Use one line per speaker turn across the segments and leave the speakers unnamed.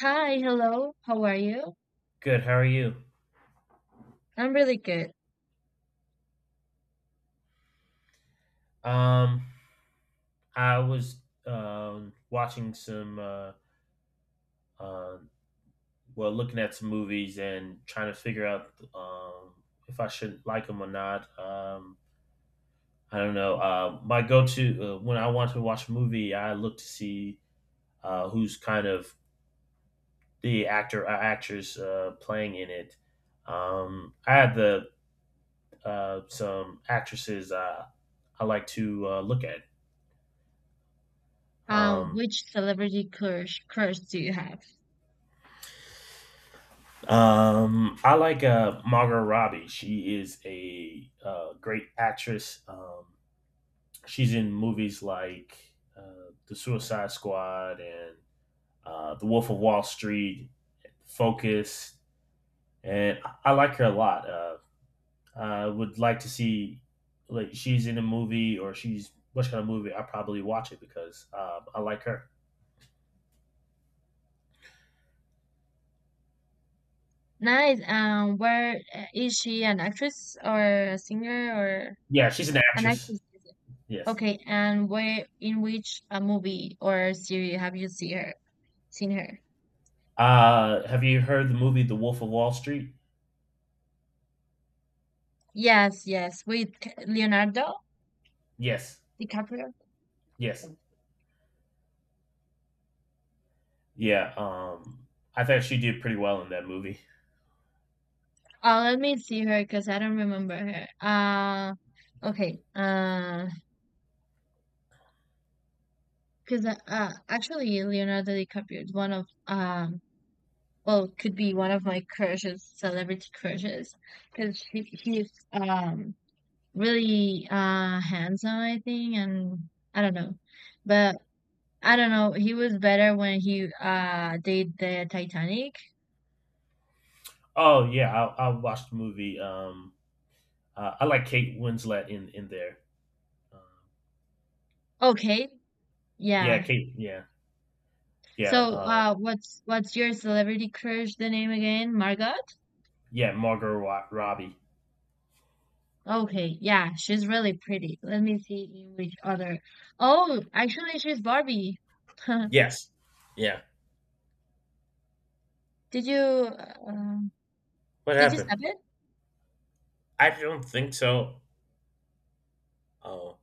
Hi, hello. How are you?
Good. How are you?
I'm really good.
Um, I was watching some uh well, looking at some movies and trying to figure out if I should like them or not. I don't know. My go-to, when I want to watch a movie, I look to see who's kind of the actor or actress playing in it. I had the some actresses I like to look at. Um
Which celebrity crush do you have?
I like Margot Robbie. She is a great actress. She's in movies like The Suicide Squad and The Wolf of Wall Street, Focus, and I like her a lot. I would like to see like she's in a movie or she's what kind of movie. I probably watch it because I like her.
Nice. Where is she an actress or a singer or
Yeah, she's an
an
actress.
actress? Is it?
Yes.
Okay, and where in which a movie or series have you see her? Seen her?
Have you heard the movie The Wolf of Wall Street?
Yes, yes, with Leonardo
Yes.
DiCaprio.
Yes. Yeah, I thought she did pretty well in that movie.
Oh, let me see her because I don't remember her. Okay. Because actually Leonardo DiCaprio is one of well, could be one of my crushes, celebrity crushes, because he's really handsome, I think, and I don't know, but I don't know. He was better when he did the Titanic.
Oh yeah, I watched the movie. I like Kate Winslet in there. Um,
Okay,
yeah,
yeah.
Kate. Yeah, yeah,
So what's your celebrity crush? The name again, Margot?
yeah. Margot Robbie.
Okay, yeah, she's really pretty. Let me see in which other. Oh, actually, she's Barbie.
Yes. Yeah.
Did you um,
What
did you
happened?
stop it?
I don't think so. Oh.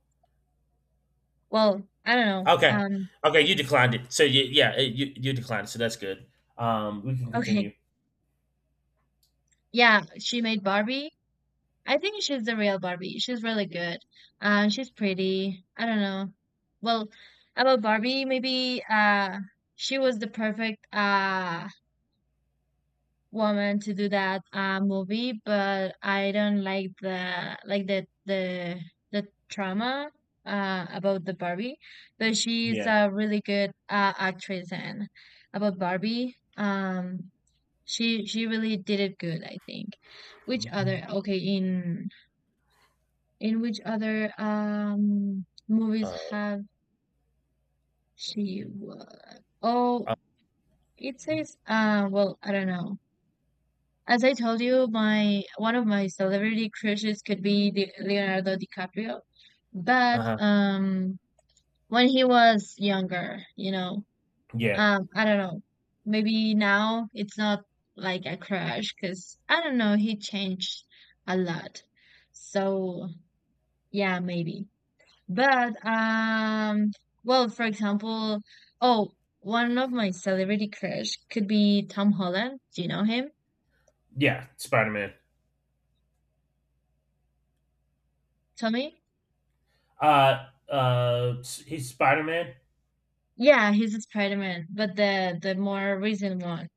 Well, I don't know.
Okay. Okay. You declined it. So you, yeah, you declined. So that's good. We can
Okay.
continue.
Yeah, she made Barbie. I think she's the real Barbie. She's really good. She's pretty. I don't know. Well, about Barbie, maybe she was the perfect woman to do that movie, but I don't like the like the the trauma about the Barbie, but she's
Yeah.
a really good actress and about Barbie. She really did it good, I think. Which
Mhm.
other okay, in which other movies
Uh
have she wo- Oh, it says well, I don't know. As I told you, my one of my celebrity crushes could be the Leonardo DiCaprio, but
Uh huh.
when he was younger, you know,
Yeah,
I don't know. Maybe now it's not like a crush because I don't know, he changed a lot. So yeah, maybe. But well, for example, oh, one of my celebrity crush could be Tom Holland. Do you know him,
yeah. Spider Man.
Tommy?
He's Spider Man.
Yeah, he's a Spider-Man, but the more recent one.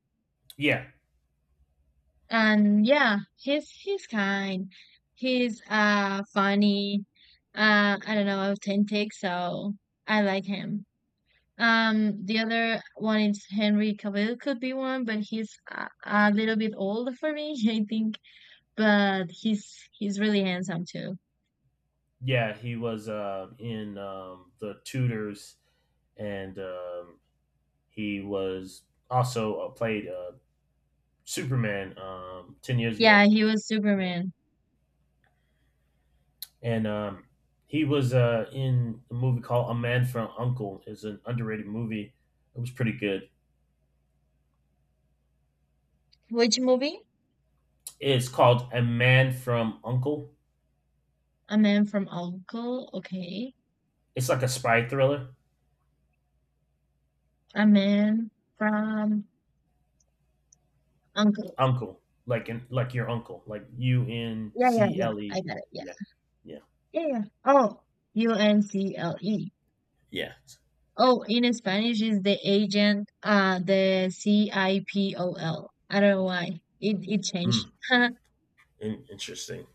Yeah,
And yeah, he's kind. He's funny. I don't know, authentic, so I like him. The other one is Henry Cavill could be one, but a little bit old for me, I think, but he's really handsome too.
yeah, he was in the Tudors, and he was also played Superman 10 years
Yeah,
ago.
he was
Yeah,
Superman.
and he was in a movie called A Man from Uncle. It's an underrated movie. It was pretty good.
Which movie?
It's called A Man from Uncle.
A Man from Uncle. Okay.
It's like a spy thriller.
A Man from Uncle.
Uncle, like in like your uncle, like U N
Yeah, yeah,
C
yeah.
L
I
E.
got it.
Yeah, yeah,
Yeah, yeah. Oh, UNCLE.
yeah.
Oh, in Spanish is the agent, the CIPOL. IPOL. I don't know why. It changed.
Mm, Interesting.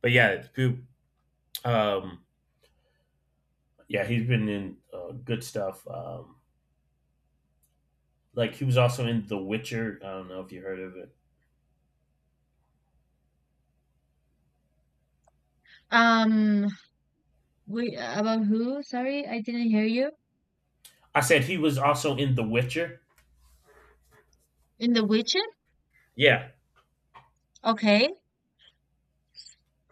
But yeah, Goop. Um, yeah, he's been in good stuff. Like he was also in The Witcher. I don't know if you heard of it.
Um, we, about who? Sorry, I didn't hear you.
I said he was also in The Witcher.
In The Witcher?
Yeah,
Okay.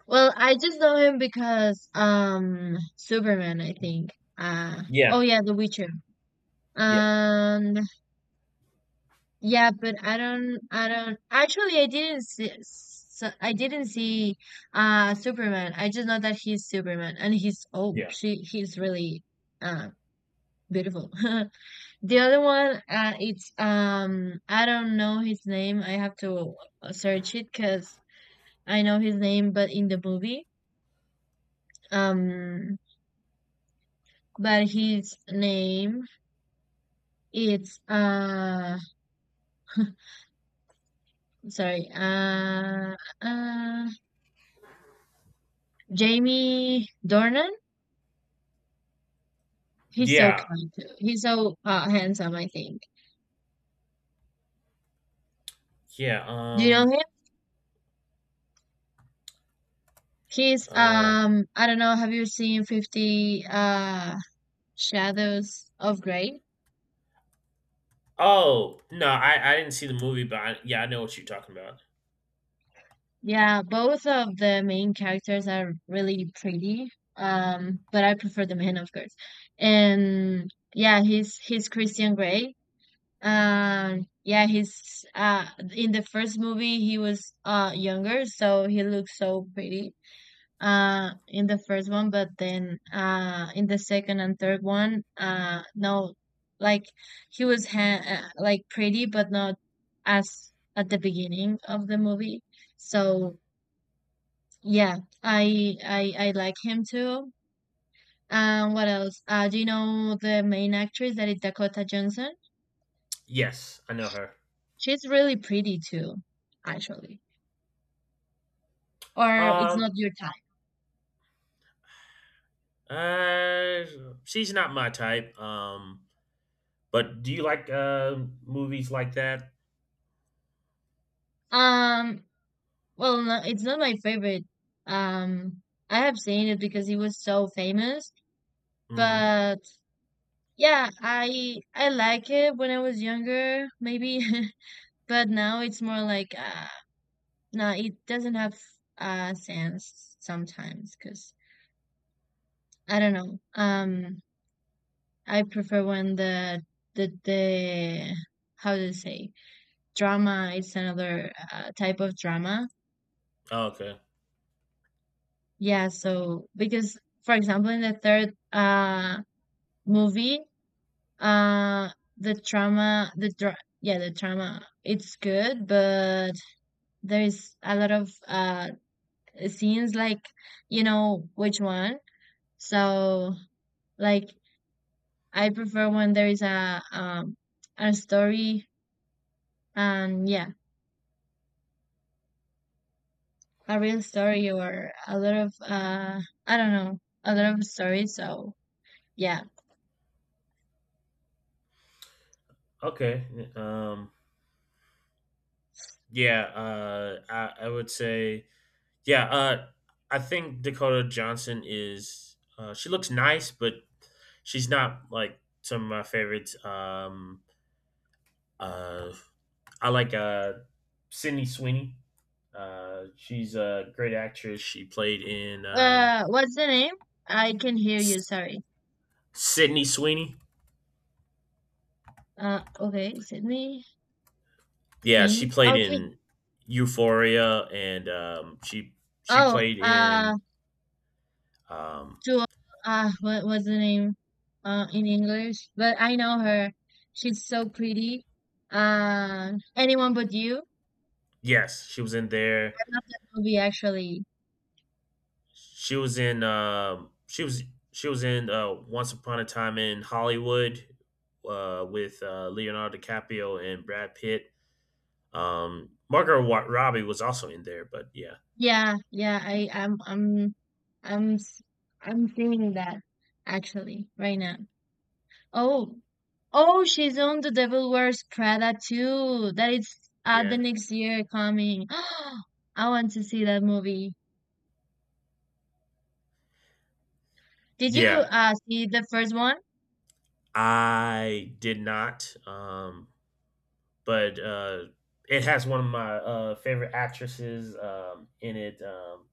Well, I just know him because, Superman, I think. Oh
yeah,
yeah, The Witcher.
yeah,
Um, Yeah, but I don't. Actually, I didn't see, so I didn't see Superman. I just know that he's Superman, and
yeah,
he's really uh beautiful. The other one, it's I don't know his name. I have to search it because I know his name, but in the movie, um, but his name it's sorry, Jamie Dornan. He's so
yeah,
kind too. He's so handsome, I think.
yeah.
Do you know him? He's
Uh.
I don't know, have you seen 50 Shadows of Grey?
Oh no, I didn't see the movie, but I, yeah, I know what you're talking about.
Yeah, both of the main characters are really pretty. Um, but I prefer the man of course. And yeah, he's Christian Grey. Yeah, he's in the first movie he was younger, so he looks so pretty. In the first one, but then in the second and third one no, like he was like pretty but not as at the beginning of the movie, so yeah I like him too. What else do you know the main actress that is Dakota Johnson?
Yes, I know her.
She's really pretty too, actually, or it's
Um.
not your type?
Uh, she's not my type. But do you like movies like that?
um Well, no, it's not my favorite. Um, I have seen it because he was so famous.
Mm-hmm.
But yeah, I like it when I was younger, maybe. But now it's more like no, it doesn't have sense sometimes because I don't know. I prefer when the how do you say drama is another type of drama.
Oh, okay.
Yeah, so because for example in the third movie. Uh, the trauma, yeah, the trauma. It's good, but there is a lot of scenes like you know which one. So like I prefer when there is a story and yeah, a real story or a lot of I don't know a lot of stories. So yeah.
Okay. Um. Yeah, I would say, yeah, I think Dakota Johnson is, she looks nice, but she's not like some of my favorites. Uh, I like Sydney Sweeney. She's a great actress. She played in
What's the name? I can hear you.
S-
Sorry.
Sydney Sweeney.
Okay, Sydney
Yeah, she
Sweeney.
played
Okay.
in Euphoria, and she
Oh,
played in um,
to what was the name? In English, but I know her. She's so pretty. Anyone but you.
yes, she was in there.
I love that movie, actually.
She was in she was in Once Upon a Time in Hollywood with Leonardo DiCaprio and Brad Pitt. Margot Robbie was also in there, but yeah.
Yeah, yeah. I, I'm, s- I'm seeing that actually right now. Oh, oh, she's on The Devil Wears Prada too. That is
Yeah.
the next year coming. I want to see that movie. Did you
Yeah.
see the first one?
I did not but it has one of my favorite actresses in it um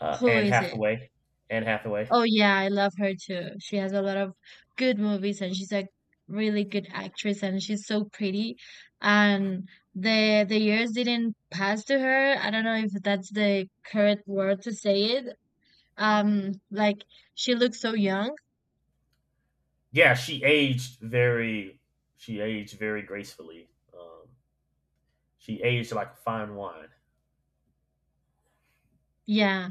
uh
Who
Anne
is it?
Hathaway. Anne Hathaway.
Oh yeah, I love her too. She has a lot of good movies and she's a really good actress and she's so pretty. And the years didn't pass to her. I don't know if that's the correct word to say it. Like she looks so young.
Yeah, she aged very gracefully. Um She aged like a fine wine.
Yeah,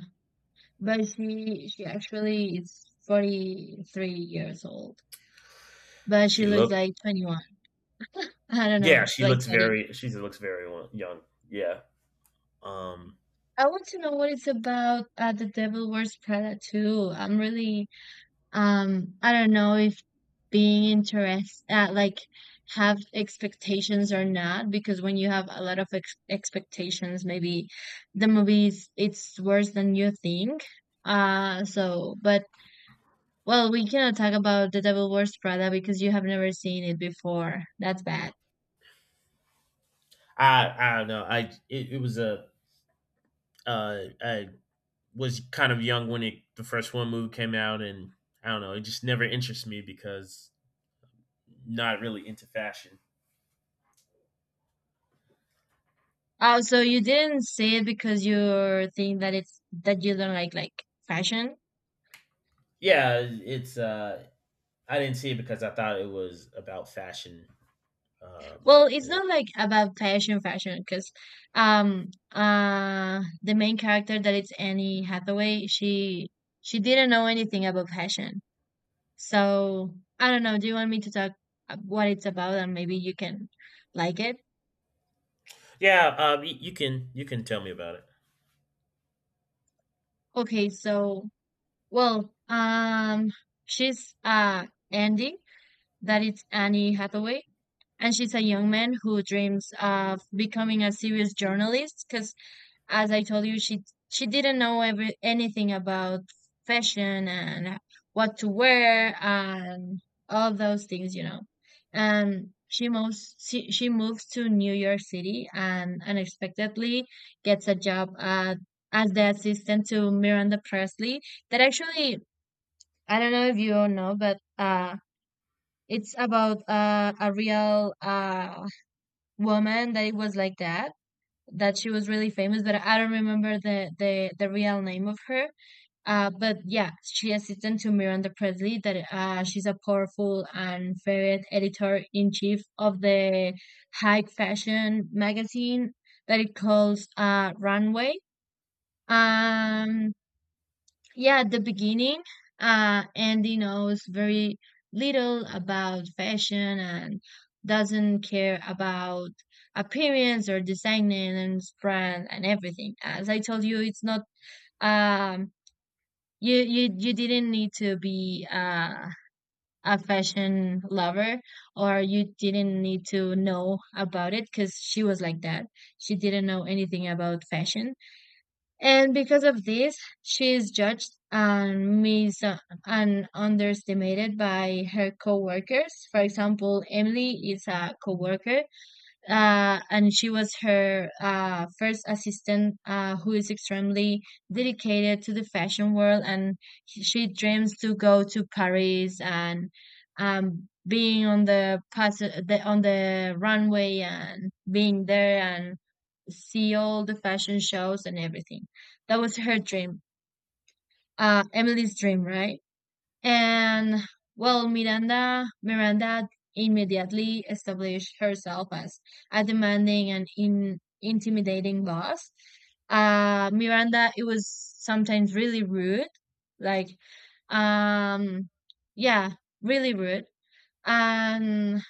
but she actually is 43 years old, but she
She
looks
look,
like 21. I don't
yeah,
know,
she
like
looks
30.
very. She looks very young. Yeah. Um.
I want to know what it's about The Devil Wears Prada too. I'm really I don't know if being interest like have expectations or not, because when you have a lot of ex expectations, maybe the movies it's worse than you think. So, but well, we cannot talk about The Devil Wears Prada because you have never seen it before. That's bad.
I don't know. I it, it was a I was kind of young when it the first one movie came out, and I don't know. It just never interests me because not really into fashion.
Oh, so you didn't see it because you think that it's that you don't like fashion?
Yeah, it's I didn't see it because I thought it was about fashion. Um.
Well, it's
and it-
not like about fashion, fashion, because um the main character that it's Annie Hathaway, she didn't know anything about fashion. So I don't know. Do you want me to talk what it's about, and maybe you can like it?
Yeah. You can tell me about it.
Okay. So well, she's Andy, that it's Annie Hathaway, and she's a young man who dreams of becoming a serious journalist because as I told you, she didn't know every anything about fashion and what to wear and all those things, you know. And she moves to New York City and unexpectedly gets a job at as the assistant to Miranda Presley. That actually I don't know if you all know, but it's about a real woman that it was like that, that she was really famous, but I don't remember the real name of her. But yeah, she assistant to Miranda Presley. That she's a powerful and feared editor in chief of the high fashion magazine that it calls Runway. Um, yeah at the beginning Andy knows very little about fashion and doesn't care about appearance or design and brand and everything. As I told you, it's not um you didn't need to be a fashion lover or you didn't need to know about it because she was like that, she didn't know anything about fashion, and because of this, she is judged and mis and underestimated by her coworkers. For example, Emily is a coworker, and she was her first assistant, who is extremely dedicated to the fashion world, and she dreams to go to Paris and being on the, the on the runway and being there and see all the fashion shows and everything. That was her dream, Emily's dream, right? And well, Miranda immediately established herself as a demanding and intimidating boss. Miranda, it was sometimes really rude, like, um, yeah, really rude, and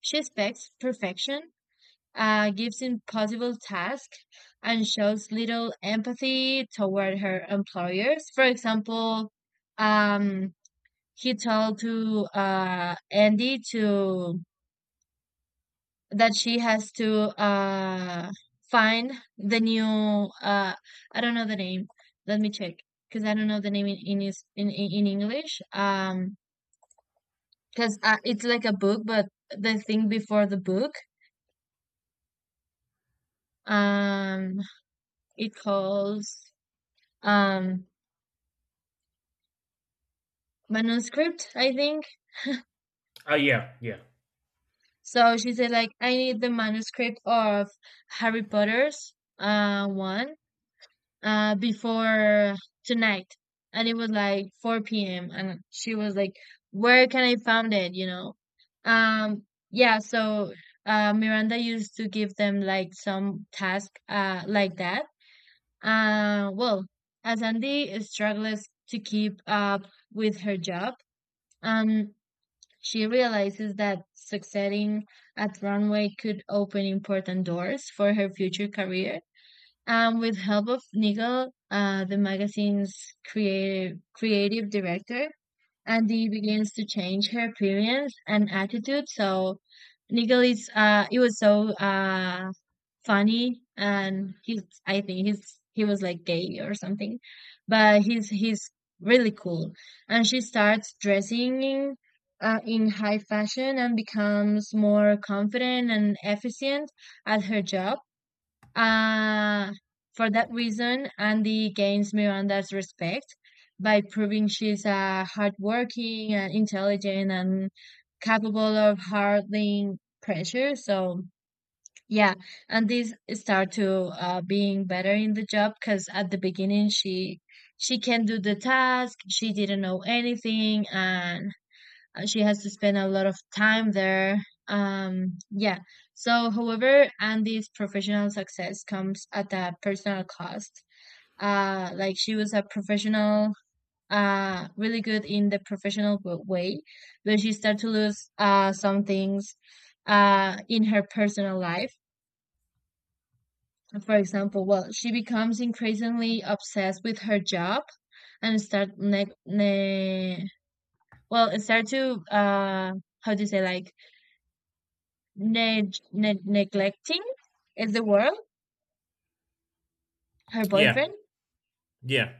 she expects perfection, gives impossible tasks and shows little empathy toward her employers. For example, um, he told to Andy to that she has to find the new I don't know the name. Let me check because I don't know the name in in English. Because it's like a book, but the thing before the book, um, it calls um manuscript, I think.
Oh yeah, yeah,
So she said like I need the manuscript of Harry Potter's one before tonight. And it was like 4 p.m. and she was like, "Where can I find it?" You know. Um yeah, so Miranda used to give them like some task like that. Well, as Andy struggles to keep up with her job, um she realizes that succeeding at Runway could open important doors for her future career. And with help of Nigel, the magazine's creative director, Andy begins to change her appearance and attitude. So Nigel is it was so funny, and he's I think he's he was like gay or something, but he's really cool. And she starts dressing in high fashion and becomes more confident and efficient at her job. Uh, for that reason, Andy gains Miranda's respect by proving she's hardworking and intelligent and capable of handling pressure. So yeah, and these start to being better in the job because at the beginning she can do the task, she didn't know anything, and she has to spend a lot of time there. Yeah. So, however, Andy's professional success comes at a personal cost. Like she was a professional, really good in the professional way, but she started to lose some things in her personal life. For example, well, she becomes increasingly obsessed with her job and start neg ne well, and start to how do you say, like, neglecting is the world, her
yeah,
boyfriend
yeah.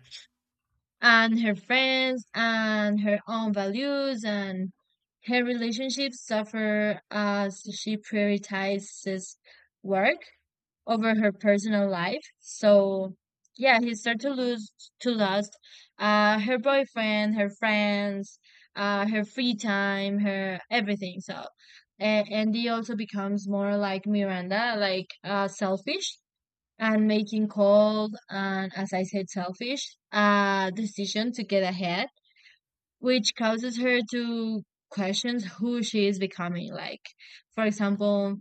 and her friends and her own values, and her relationships suffer as she prioritizes work over her personal life. So yeah, he started to lose to lust her boyfriend, her friends, her free time, her everything. So and he also becomes more like Miranda, like selfish and making cold and, as I said, selfish decision to get ahead, which causes her to question who she is becoming. Like, for example,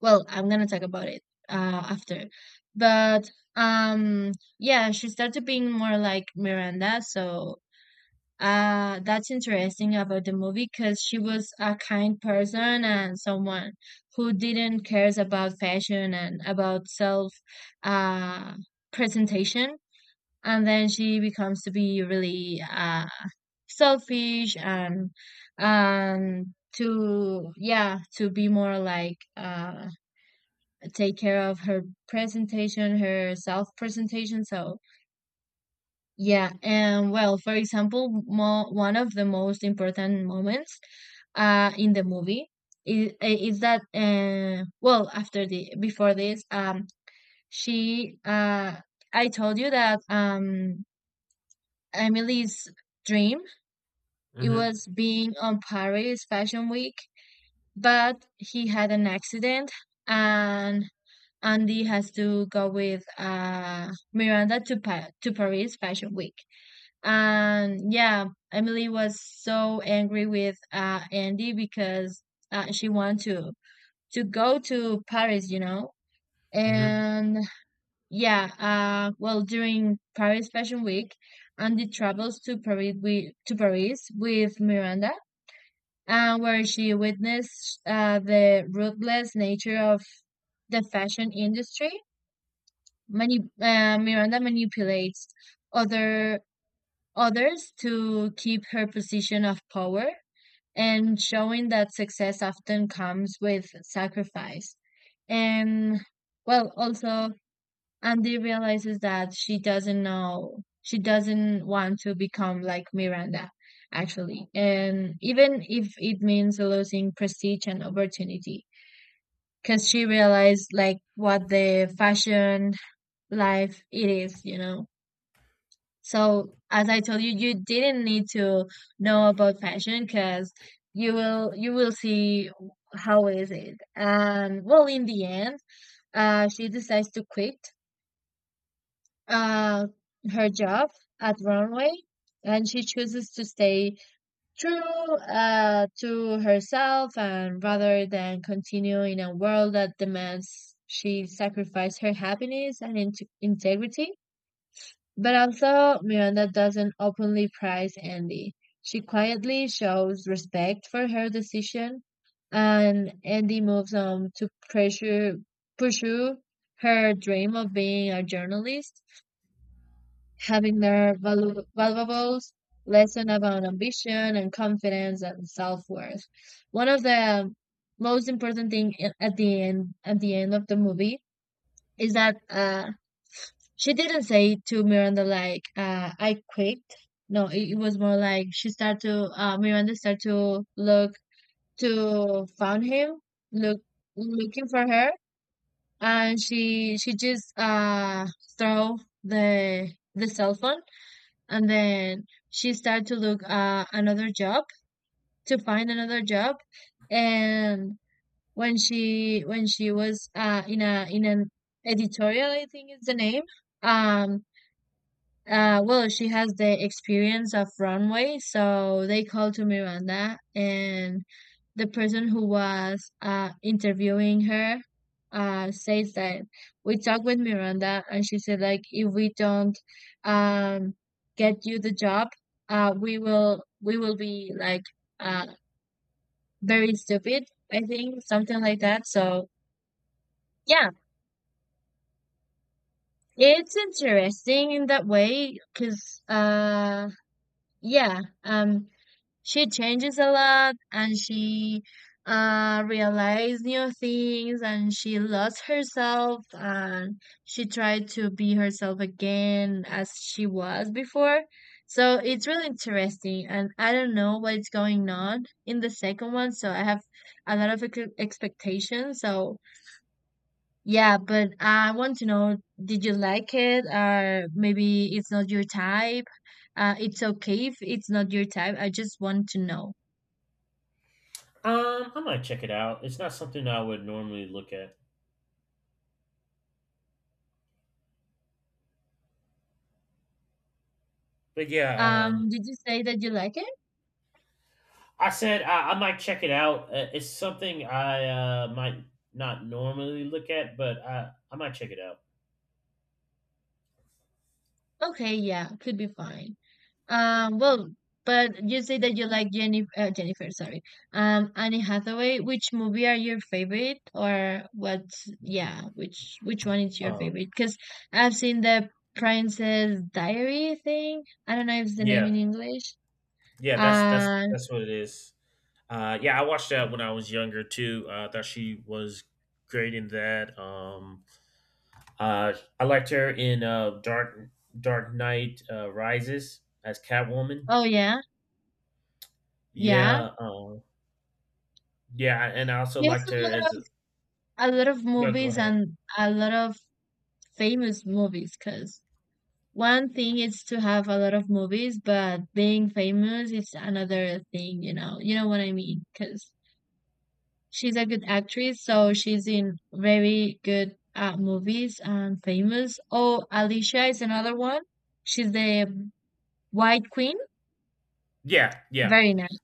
well, I'm gonna talk about it after. But um, yeah, she started being more like Miranda. So that's interesting about the movie, because she was a kind person and someone who didn't cares about fashion and about self, uh, presentation. And then she becomes to be really selfish and and to, yeah, to be more like take care of her presentation, her self presentation. So, yeah. And well, for example, one of the most important moments in the movie is that, well, after the, before this, she, I told you that Emily's dream, it
Mm-hmm.
was being on Paris Fashion Week, but he had an accident, and Andy has to go with Miranda to to Paris Fashion Week. And yeah, Emily was so angry with Andy because she wanted to go to Paris, you know.
Mm-hmm.
And yeah, well, during Paris Fashion Week, Andy travels to Paris with Miranda, where she witnessed the ruthless nature of the fashion industry. Miranda manipulates other others to keep her position of power, and showing that success often comes with sacrifice. And well, also Andy realizes that she doesn't know, she doesn't want to become like Miranda, actually. And even if it means losing prestige and opportunity, because she realized like what the fashion life it is, you know. So, as I told you, you didn't need to know about fashion because you will see how is it. And well, in the end, she decides to quit uh, her job at Runway, and she chooses to stay true to herself, and rather than continue in a world that demands she sacrifice her happiness and integrity. But also, Miranda doesn't openly praise Andy. She quietly shows respect for her decision, and Andy moves on to pursue her dream of being a journalist, having their valuable lesson about ambition and confidence and self-worth. One of the most important thing at the end of the movie is that she didn't say to Miranda like, I quit. No, it was more like she started to, Miranda started to look to found him, look looking for her, and she just throw the the cell phone, and then she started to look another job to find another job, and when she was in a in an editorial, I think is the name. Um, well, she has the experience of Runway, so they called to Miranda, and the person who was interviewing her says that we talked with Miranda, and she said like if we don't um, get you the job, we will be like uh, very stupid. I think something like that. So yeah, it's interesting in that way because yeah um she changes a lot, and she realized new things, and she lost herself, and she tried to be herself again as she was before. So it's really interesting, and I don't know what is going on in the second one, so I have a lot of expectations. So yeah, but I want to know, did you like it? Or maybe it's not your type? It's okay if it's not your type. I just want to know.
I might check it out. It's not something I would normally look at, but yeah.
Did you say that you like it?
I said I might check it out. It's something I might not normally look at, but I might check it out.
Okay, yeah, could be fine. Well, but you say that you like Jennifer, Jennifer, sorry. Annie Hathaway, which movie are your favorite, or what, yeah, which one is your
Um,
favorite? Because I've seen the Princess Diary thing. I don't know if it's the name
yeah,
in English.
yeah. That's that's
Uh,
that's what it is. Yeah, I watched that when I was younger too. I thought she was great in that. Uh, I liked her in Dark Knight Rises as Catwoman.
oh yeah, yeah.
Yeah, yeah, and I also
She has
liked her as.
a lot of
No, go
movies
ahead.
and a lot of famous movies, because one thing is to have a lot of movies, but being famous is another thing, you know. You know what I mean? Because she's a good actress, so she's in very good movies and famous. Oh, Alicia is another one. She's the White Queen.
Yeah, yeah,
Very nice.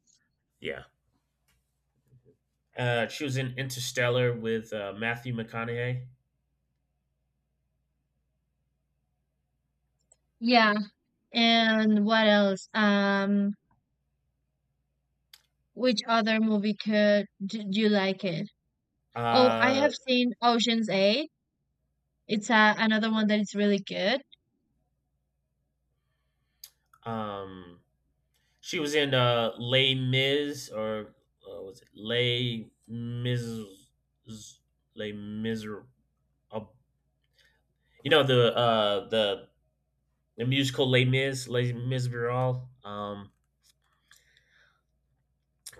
yeah. She was in Interstellar with Matthew McConaughey.
Yeah. And what else? Which other movie could do you like it? Oh, I
Uh,
have seen Ocean's 8. It's another one that is really good.
um, she was in Les Mis, or was it Les Mis? Les Mis? Uh, you know the musical Les Mis, Les Miserables.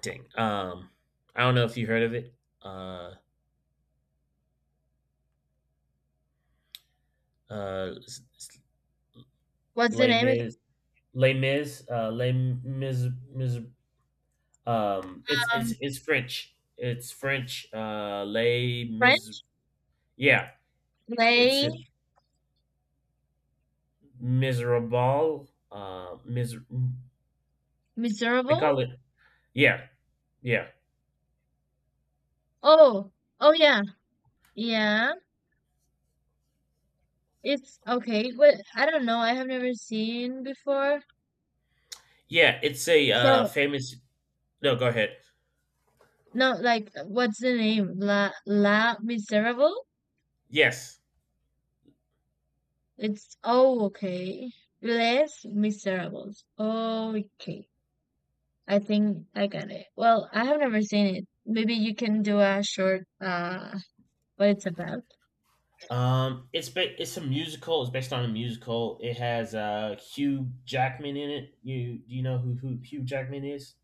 Dang. I don't know if you heard of it. Uh, uh, s-
What's the
Les
name again?
Mis, Les Mis, Les Mis, Mis, it's
Um,
it's it's French. It's French. Les Mis.
Friends?
Yeah, it's
Play
it, miserable. Mis. They
miserable?
call it. Yeah, yeah,
Oh, oh yeah, yeah. It's okay, but I don't know. I have never seen before.
yeah. It's a
So
famous. No, go ahead.
no, like, what's the name? La La Miserable?
Yes.
It's oh okay. Les Miserables. Okay, I think I got it. Well, I have never seen it. Maybe you can do a short what it's about.
It's a musical. It's based on a musical. It has Hugh Jackman in it. You do you know who Hugh Jackman is?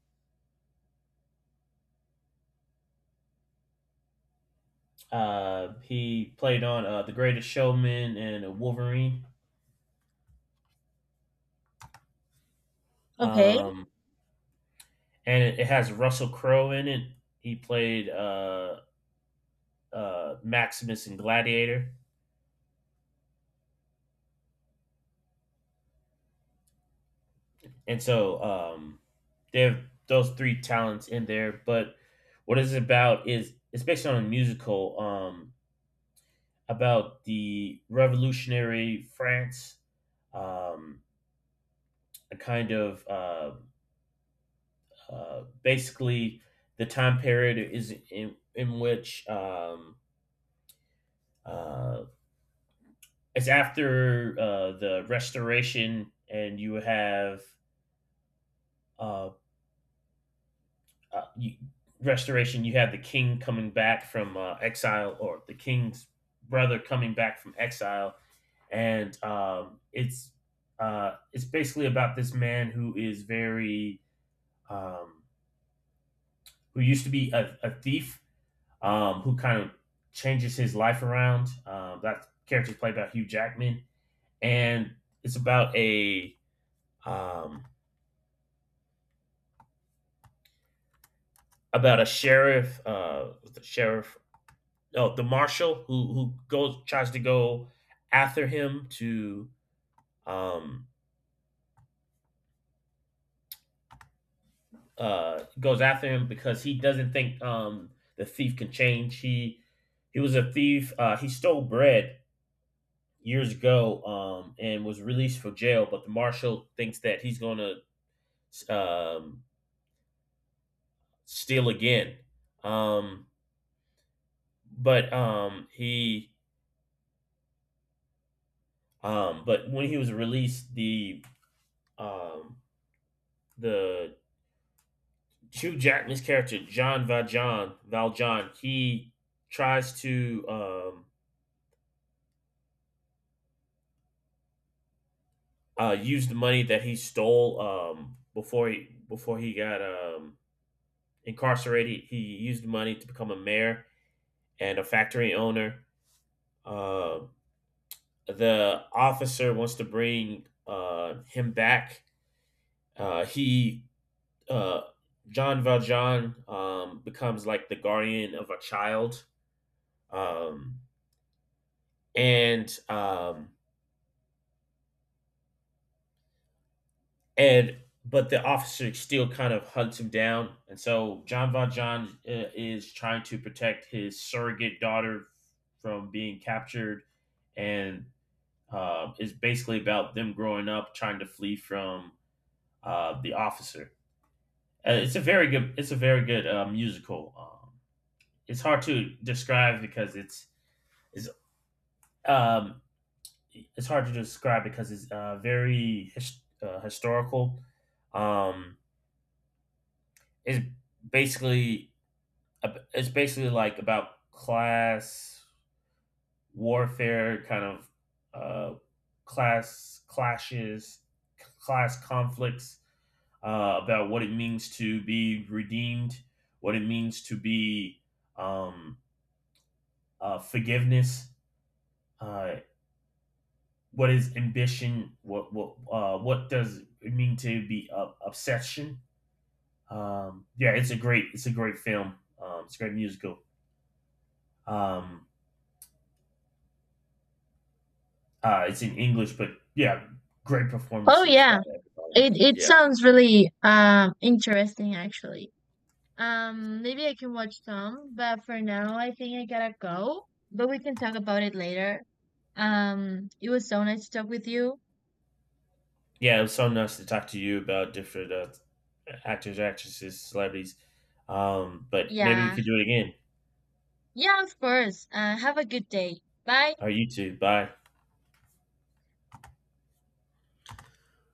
He played on The Greatest Showman and Wolverine.
Okay.
Um, and it has Russell Crowe in it. He played Maximus in Gladiator, and so they have those three talents in there. But what it's about is it's based on a musical about the revolutionary France, um, a kind of basically the time period is in which uh, it's after the restoration, and you have uh, uh, you, restoration. You have the king coming back from exile, or the king's brother coming back from exile, and it's basically about this man who is very um, who used to be a thief, who kind of changes his life around. That character is played by Hugh Jackman, and it's um, about a sheriff, the sheriff, no, the marshal who goes tries to go after him to um goes after him because he doesn't think the thief can change. He was a thief. He stole bread years ago and was released from jail, but the marshal thinks that he's gonna um steal again. Um, but um he but when he was released, um the Hugh Jackman's character John Valjean he tries to use the money that he stole before he got incarcerated. He used the money to become a mayor and a factory owner. Uh, the officer wants to bring him back. He uh, John Valjean becomes like the guardian of a child, um, and um, and but the officer still kind of hunts him down, and so John is trying to protect his surrogate daughter from being captured, and is basically about them growing up, trying to flee from the officer. It's a very good musical. It's hard to describe because it's it's um, it's hard to describe because it's very historical. Um, it's basically it's basically like about class warfare, kind of uh, class clashes, class conflicts, about what it means to be redeemed, what it means to be um, forgiveness, uh, what is ambition, what does it mean to be obsession. Yeah, it's a great film. It's a great musical. Um, it's in English, but yeah, great
Oh
performances by
yeah.
everybody.
It
Yeah,
sounds really interesting, actually. Maybe I can watch some, but for now, I think I gotta go. But we can talk about it later. It was so nice to talk with you.
yeah, it was so nice to talk to you about different actors, actresses, celebrities. But maybe we
Yeah.
could do it again.
Yeah, of course. Have a good day. Bye.
All right, you two, bye.